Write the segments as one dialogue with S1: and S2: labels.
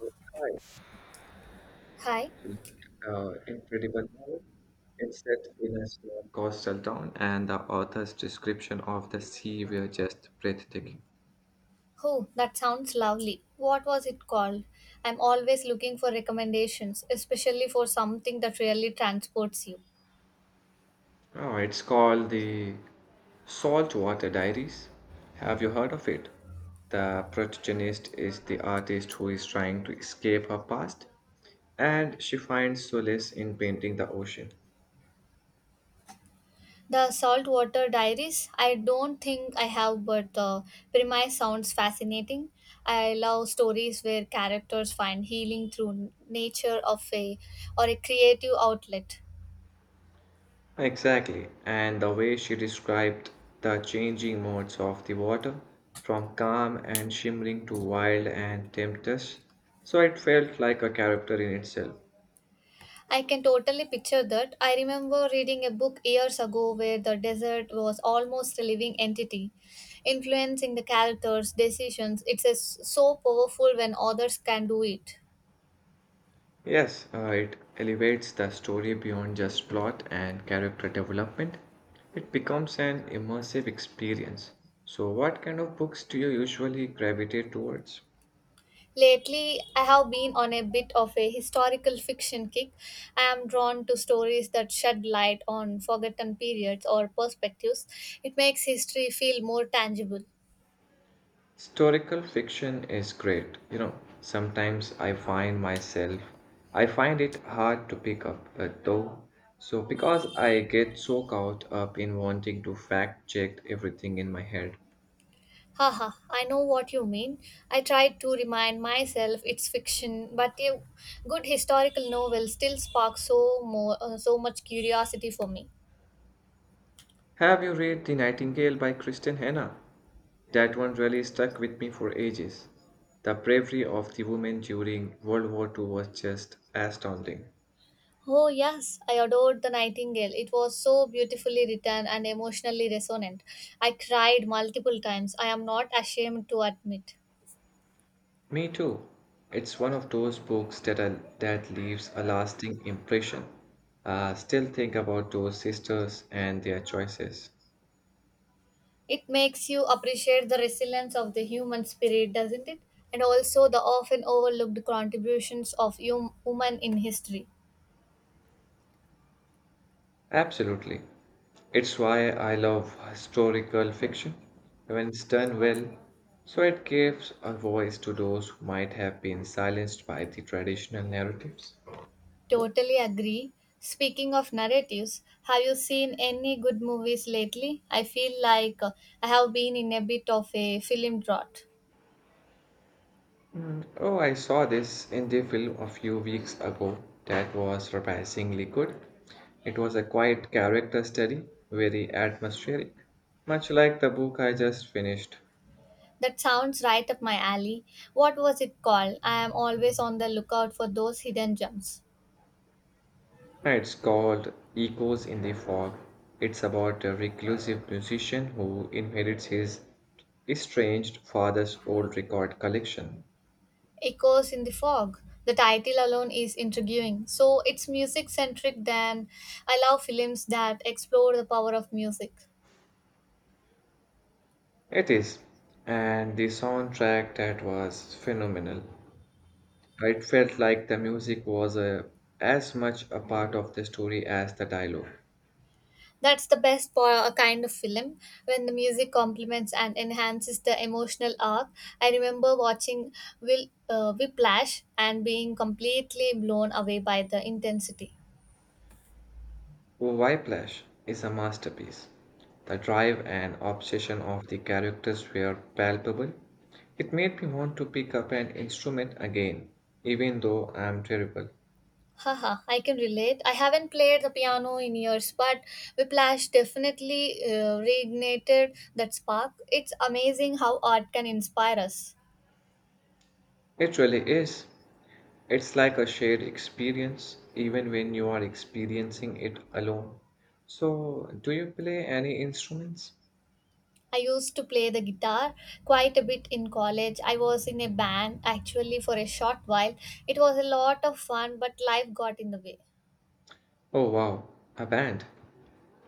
S1: Hi,
S2: Hi.
S1: incredible novel. It's set in a small coastal town, and the author's description of the sea were just breathtaking.
S2: Oh, that sounds lovely. What was it called? I'm always looking for recommendations, especially for something that really transports you.
S1: Oh, it's called the Saltwater Diaries. Have you heard of it? The protagonist is the artist who is trying to escape her past, and she finds solace in painting the ocean.
S2: The Saltwater Diaries? I don't think I have, but the premise sounds fascinating. I love stories where characters find healing through nature of a or a creative outlet.
S1: Exactly, and the way she described the changing modes of the water, from calm and shimmering to wild and tempestuous, so it felt like a character in itself.
S2: I can totally picture that. I remember reading a book years ago where the desert was almost a living entity, influencing the characters' decisions. So powerful when others can do it.
S1: Yes, it elevates the story beyond just plot and character development. It becomes an immersive experience. So, what kind of books do you usually gravitate towards?
S2: Lately, I have been on a bit of a historical fiction kick. I am drawn to stories that shed light on forgotten periods or perspectives. It makes history feel more tangible.
S1: Historical fiction is great. You know, sometimes I find it hard to pick up, though. So, because I get so caught up in wanting to fact check everything in my head.
S2: Haha, I know what you mean. I tried to remind myself it's fiction, but a good historical novel still sparks so much curiosity for me.
S1: Have you read The Nightingale by Kristen Hanna? That one really stuck with me for ages. The bravery of the women during World War II was just astounding.
S2: Oh yes, I adored The Nightingale. It was so beautifully written and emotionally resonant. I cried multiple times. I am not ashamed to admit.
S1: Me too. It's one of those books that leaves a lasting impression. Still think about those sisters and their choices.
S2: It makes you appreciate the resilience of the human spirit, doesn't it? And also the often overlooked contributions of women in history.
S1: Absolutely. It's why I love historical fiction when it's done well, so it gives a voice to those who might have been silenced by the traditional narratives.
S2: Totally agree. Speaking of narratives, have you seen any good movies lately? I feel like I have been in a bit of a film drought.
S1: Oh, I saw this in the film a few weeks ago that was surprisingly good. It was a quiet character study, very atmospheric, much like the book I just finished.
S2: That sounds right up my alley. What was it called? I am always on the lookout for those hidden gems.
S1: It's called Echoes in the Fog. It's about a reclusive musician who inherits his estranged father's old record collection.
S2: Echoes in the Fog. The title alone is intriguing. So it's music centric, then I love films that explore the power of music.
S1: It is, and the soundtrack that was phenomenal. It felt like the music was a, as much a part of the story as the dialogue.
S2: That's the best kind of film when the music complements and enhances the emotional arc. I remember watching Will Whiplash and being completely blown away by the intensity.
S1: Oh, Whiplash is a masterpiece. The drive and obsession of the characters were palpable. It made me want to pick up an instrument again, even though I am terrible.
S2: Haha, I can relate. I haven't played the piano in years, but Whiplash definitely reignited that spark. It's amazing how art can inspire us.
S1: It really is. It's like a shared experience, even when you are experiencing it alone. So, do you play any instruments?
S2: I used to play the guitar quite a bit in college. I was in a band actually for a short while. It was a lot of fun, but life got in the way.
S1: Oh wow, a band.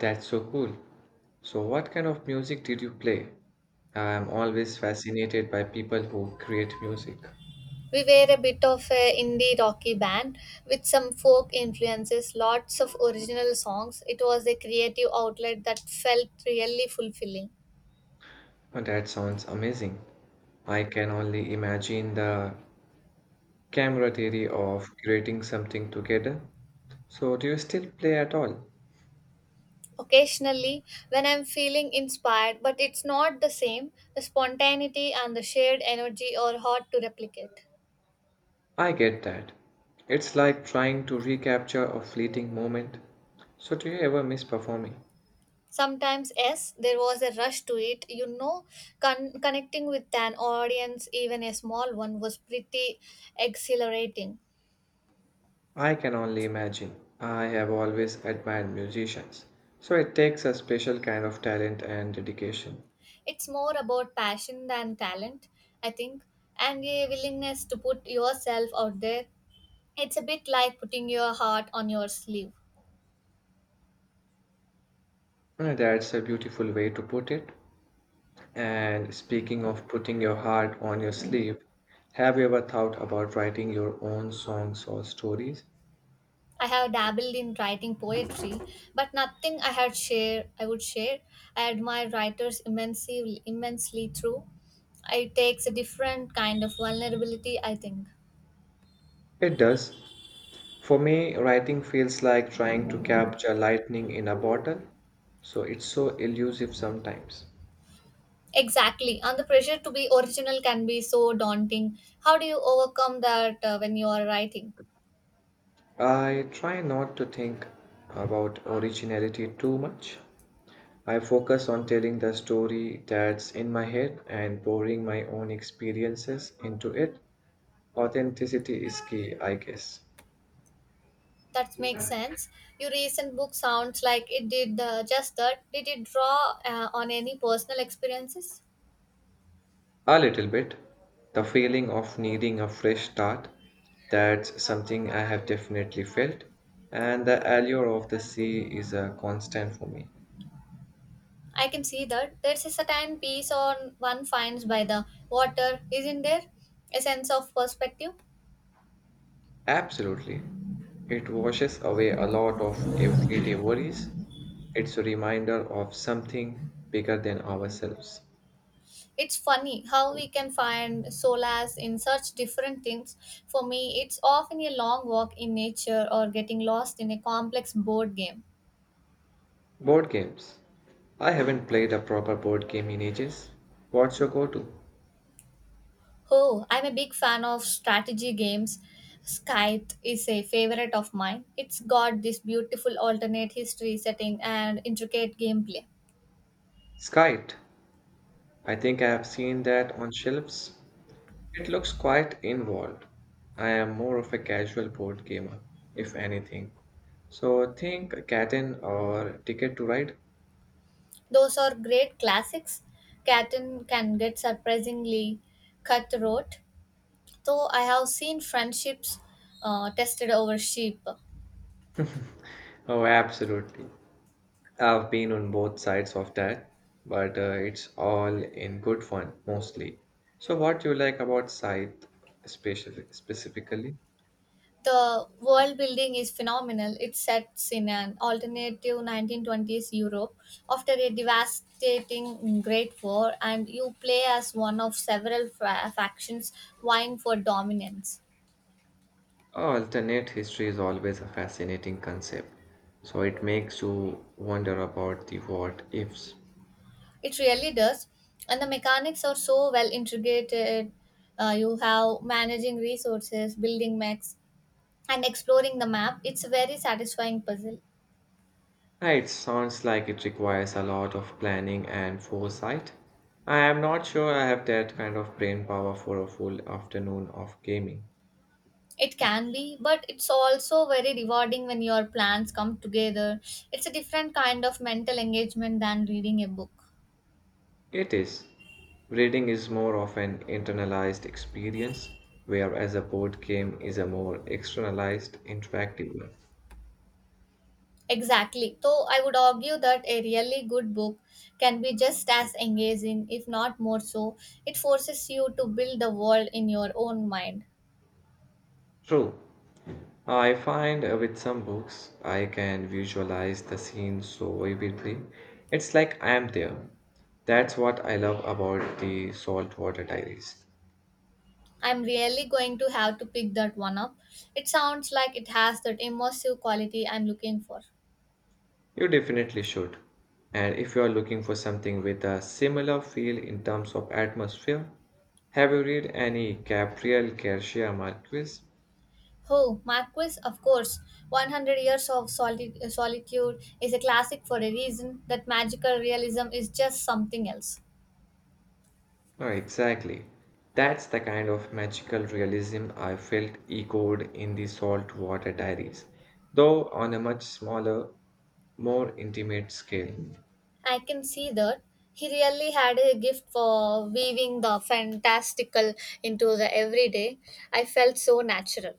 S1: That's so cool. So, what kind of music did you play? I'm always fascinated by people who create music.
S2: We were a bit of a indie rocky band with some folk influences, lots of original songs. It was a creative outlet that felt really fulfilling.
S1: Oh, that sounds amazing. I can only imagine the camaraderie of creating something together. So, do you still play at all?
S2: Occasionally, when I'm feeling inspired, but it's not the same, the spontaneity and the shared energy are hard to replicate.
S1: I get that. It's like trying to recapture a fleeting moment. So, do you ever miss performing?
S2: Sometimes, yes, there was a rush to it. You know, connecting with an audience, even a small one, was pretty exhilarating.
S1: I can only imagine. I have always admired musicians. So it takes a special kind of talent and dedication.
S2: It's more about passion than talent, I think, and a willingness to put yourself out there. It's a bit like putting your heart on your sleeve.
S1: That's a beautiful way to put it. And speaking of putting your heart on your sleeve, have you ever thought about writing your own songs or stories?
S2: I have dabbled in writing poetry, but nothing I would share. I admire writers immensely through it takes a different kind of vulnerability I think.
S1: It does. For me, writing feels like trying to capture lightning in a bottle. So it's so elusive sometimes.
S2: Exactly. And the pressure to be original can be so daunting. How do you overcome that when you are writing?
S1: I try not to think about originality too much. I focus on telling the story that's in my head and pouring my own experiences into it. Authenticity is key, I guess.
S2: That makes sense. Your recent book sounds like it did just that. Did it draw on any personal experiences?
S1: A little bit. The feeling of needing a fresh start. That's something I have definitely felt. And the allure of the sea is a constant for me.
S2: I can see that. There's a certain peace on one finds by the water, isn't there? A sense of perspective.
S1: Absolutely. It washes away a lot of everyday worries. It's a reminder of something bigger than ourselves.
S2: It's funny how we can find solace in such different things. For me, it's often a long walk in nature or getting lost in a complex board game.
S1: Board games. I haven't played a proper board game in ages. What's your go to?
S2: Oh, I'm a big fan of strategy games. Scythe is a favorite of mine. It's got this beautiful alternate history setting and intricate gameplay.
S1: Skite. I think I have seen that on shelves. It looks quite involved. I am more of a casual board gamer, if anything. So think Catan or Ticket to Ride?
S2: Those are great classics. Catan can get surprisingly cutthroat, though I have seen friendships tested over sheep.
S1: Oh, absolutely. I've been on both sides of that, but it's all in good fun mostly. So, what do you like about Scythe specifically?
S2: The world building is phenomenal. It sets in an alternative 1920s Europe after a devastating Great War, and you play as one of several factions vying for dominance.
S1: Alternate history is always a fascinating concept, so it makes you wonder about the what ifs.
S2: It really does. And the mechanics are so well integrated. You have managing resources, building mechs, and exploring the map. It's a very satisfying puzzle.
S1: Ah, it sounds like it requires a lot of planning and foresight. I am not sure I have that kind of brain power for a full afternoon of gaming.
S2: It can be, but it's also very rewarding when your plans come together. It's a different kind of mental engagement than reading a book.
S1: It is. Reading is more of an internalized experience, whereas a board game is a more externalized, interactive one.
S2: Exactly. So I would argue that a really good book can be just as engaging, if not more so. It forces you to build the world in your own mind.
S1: True. I find with some books I can visualize the scene so vividly. It's like I am there. That's what I love about the Saltwater Diaries.
S2: I'm really going to have to pick that one up. It sounds like it has that immersive quality I'm looking for.
S1: You definitely should. And if you are looking for something with a similar feel in terms of atmosphere, have you read any Gabriel Garcia Marquez?
S2: Oh, Marquis, of course. 100 Years of Solitude is a classic for a reason. That magical realism is just something else.
S1: No, exactly. That's the kind of magical realism I felt echoed in the Saltwater Diaries, though on a much smaller, more intimate scale.
S2: I can see that. He really had a gift for weaving the fantastical into the everyday. I felt so natural.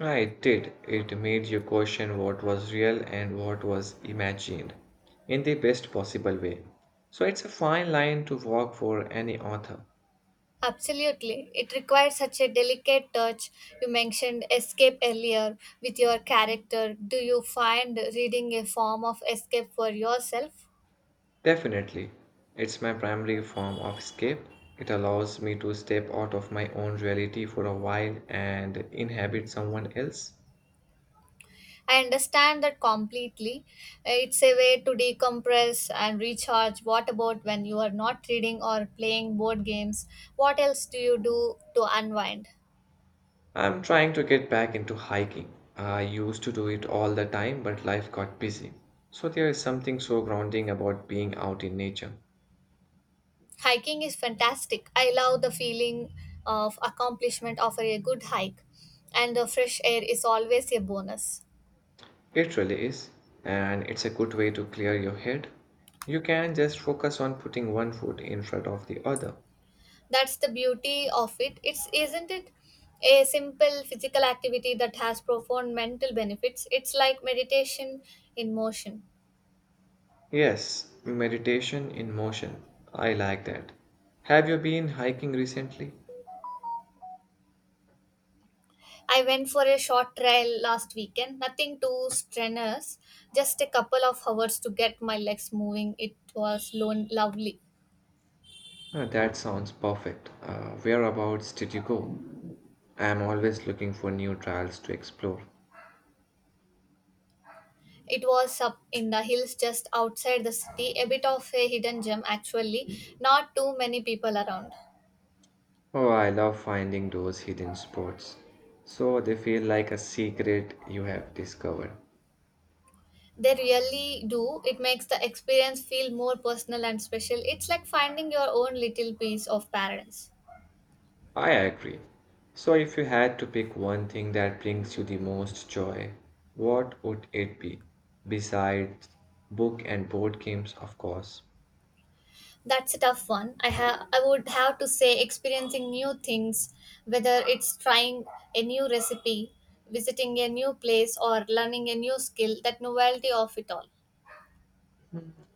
S1: Ah, it did. It made you question what was real and what was imagined in the best possible way. So it's a fine line to walk for any author.
S2: Absolutely. It requires such a delicate touch. You mentioned escape earlier with your character. Do you find reading a form of escape for yourself?
S1: Definitely. It's my primary form of escape. It allows me to step out of my own reality for a while and inhabit someone else.
S2: I understand that completely. It's a way to decompress and recharge. What about when you are not reading or playing board games? What else do you do to unwind?
S1: I'm trying to get back into hiking. I used to do it all the time, but life got busy. So there is something so grounding about being out in nature.
S2: Hiking is fantastic. I love the feeling of accomplishment after a good hike, and the fresh air is always a bonus.
S1: It really is, and it's a good way to clear your head. You can just focus on putting one foot in front of the other.
S2: That's the beauty of it. It's isn't it a simple physical activity that has profound mental benefits. It's like meditation in motion.
S1: Yes, meditation in motion. I like that. Have you been hiking recently?
S2: I went for a short trial last weekend, nothing too strenuous, just a couple of hours to get my legs moving. It was lo lovely.
S1: That sounds perfect. Whereabouts did you go? I am always looking for new trails to explore.
S2: It was up in the hills just outside the city, a bit of a hidden gem actually, not too many people around.
S1: Oh, I love finding those hidden spots. So they feel like a secret you have discovered.
S2: They really do. It makes the experience feel more personal and special. It's like finding your own little piece of paradise.
S1: I agree. So if you had to pick one thing that brings you the most joy, what would it be? Besides book and board games, of course.
S2: That's a tough one. I would have to say experiencing new things, whether it's trying a new recipe, visiting a new place or learning a new skill, that novelty of it all.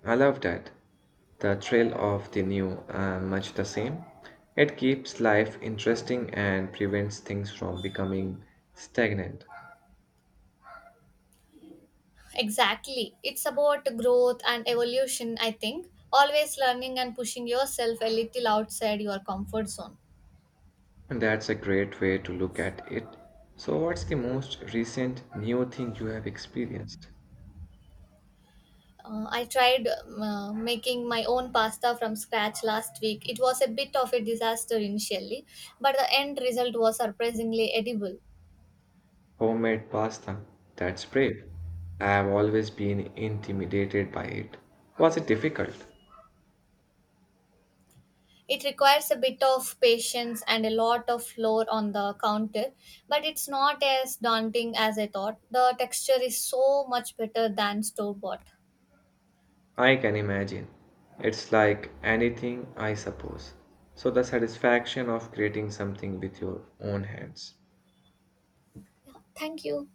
S1: I love that. The thrill of the new and much the same. It keeps life interesting and prevents things from becoming stagnant.
S2: Exactly. It's about growth and evolution, I think. Always learning and pushing yourself a little outside your comfort zone.
S1: And that's a great way to look at it. So, what's the most recent new thing you have experienced?
S2: I tried making my own pasta from scratch last week. It was a bit of a disaster initially, but the end result was surprisingly edible.
S1: Homemade pasta. That's brave. I have always been intimidated by it. Was it difficult?
S2: It requires a bit of patience and a lot of floor on the counter, but it's not as daunting as I thought. The texture is so much better than store bought.
S1: I can imagine. It's like anything, I suppose. So, the satisfaction of creating something with your own hands.
S2: Yeah, thank you.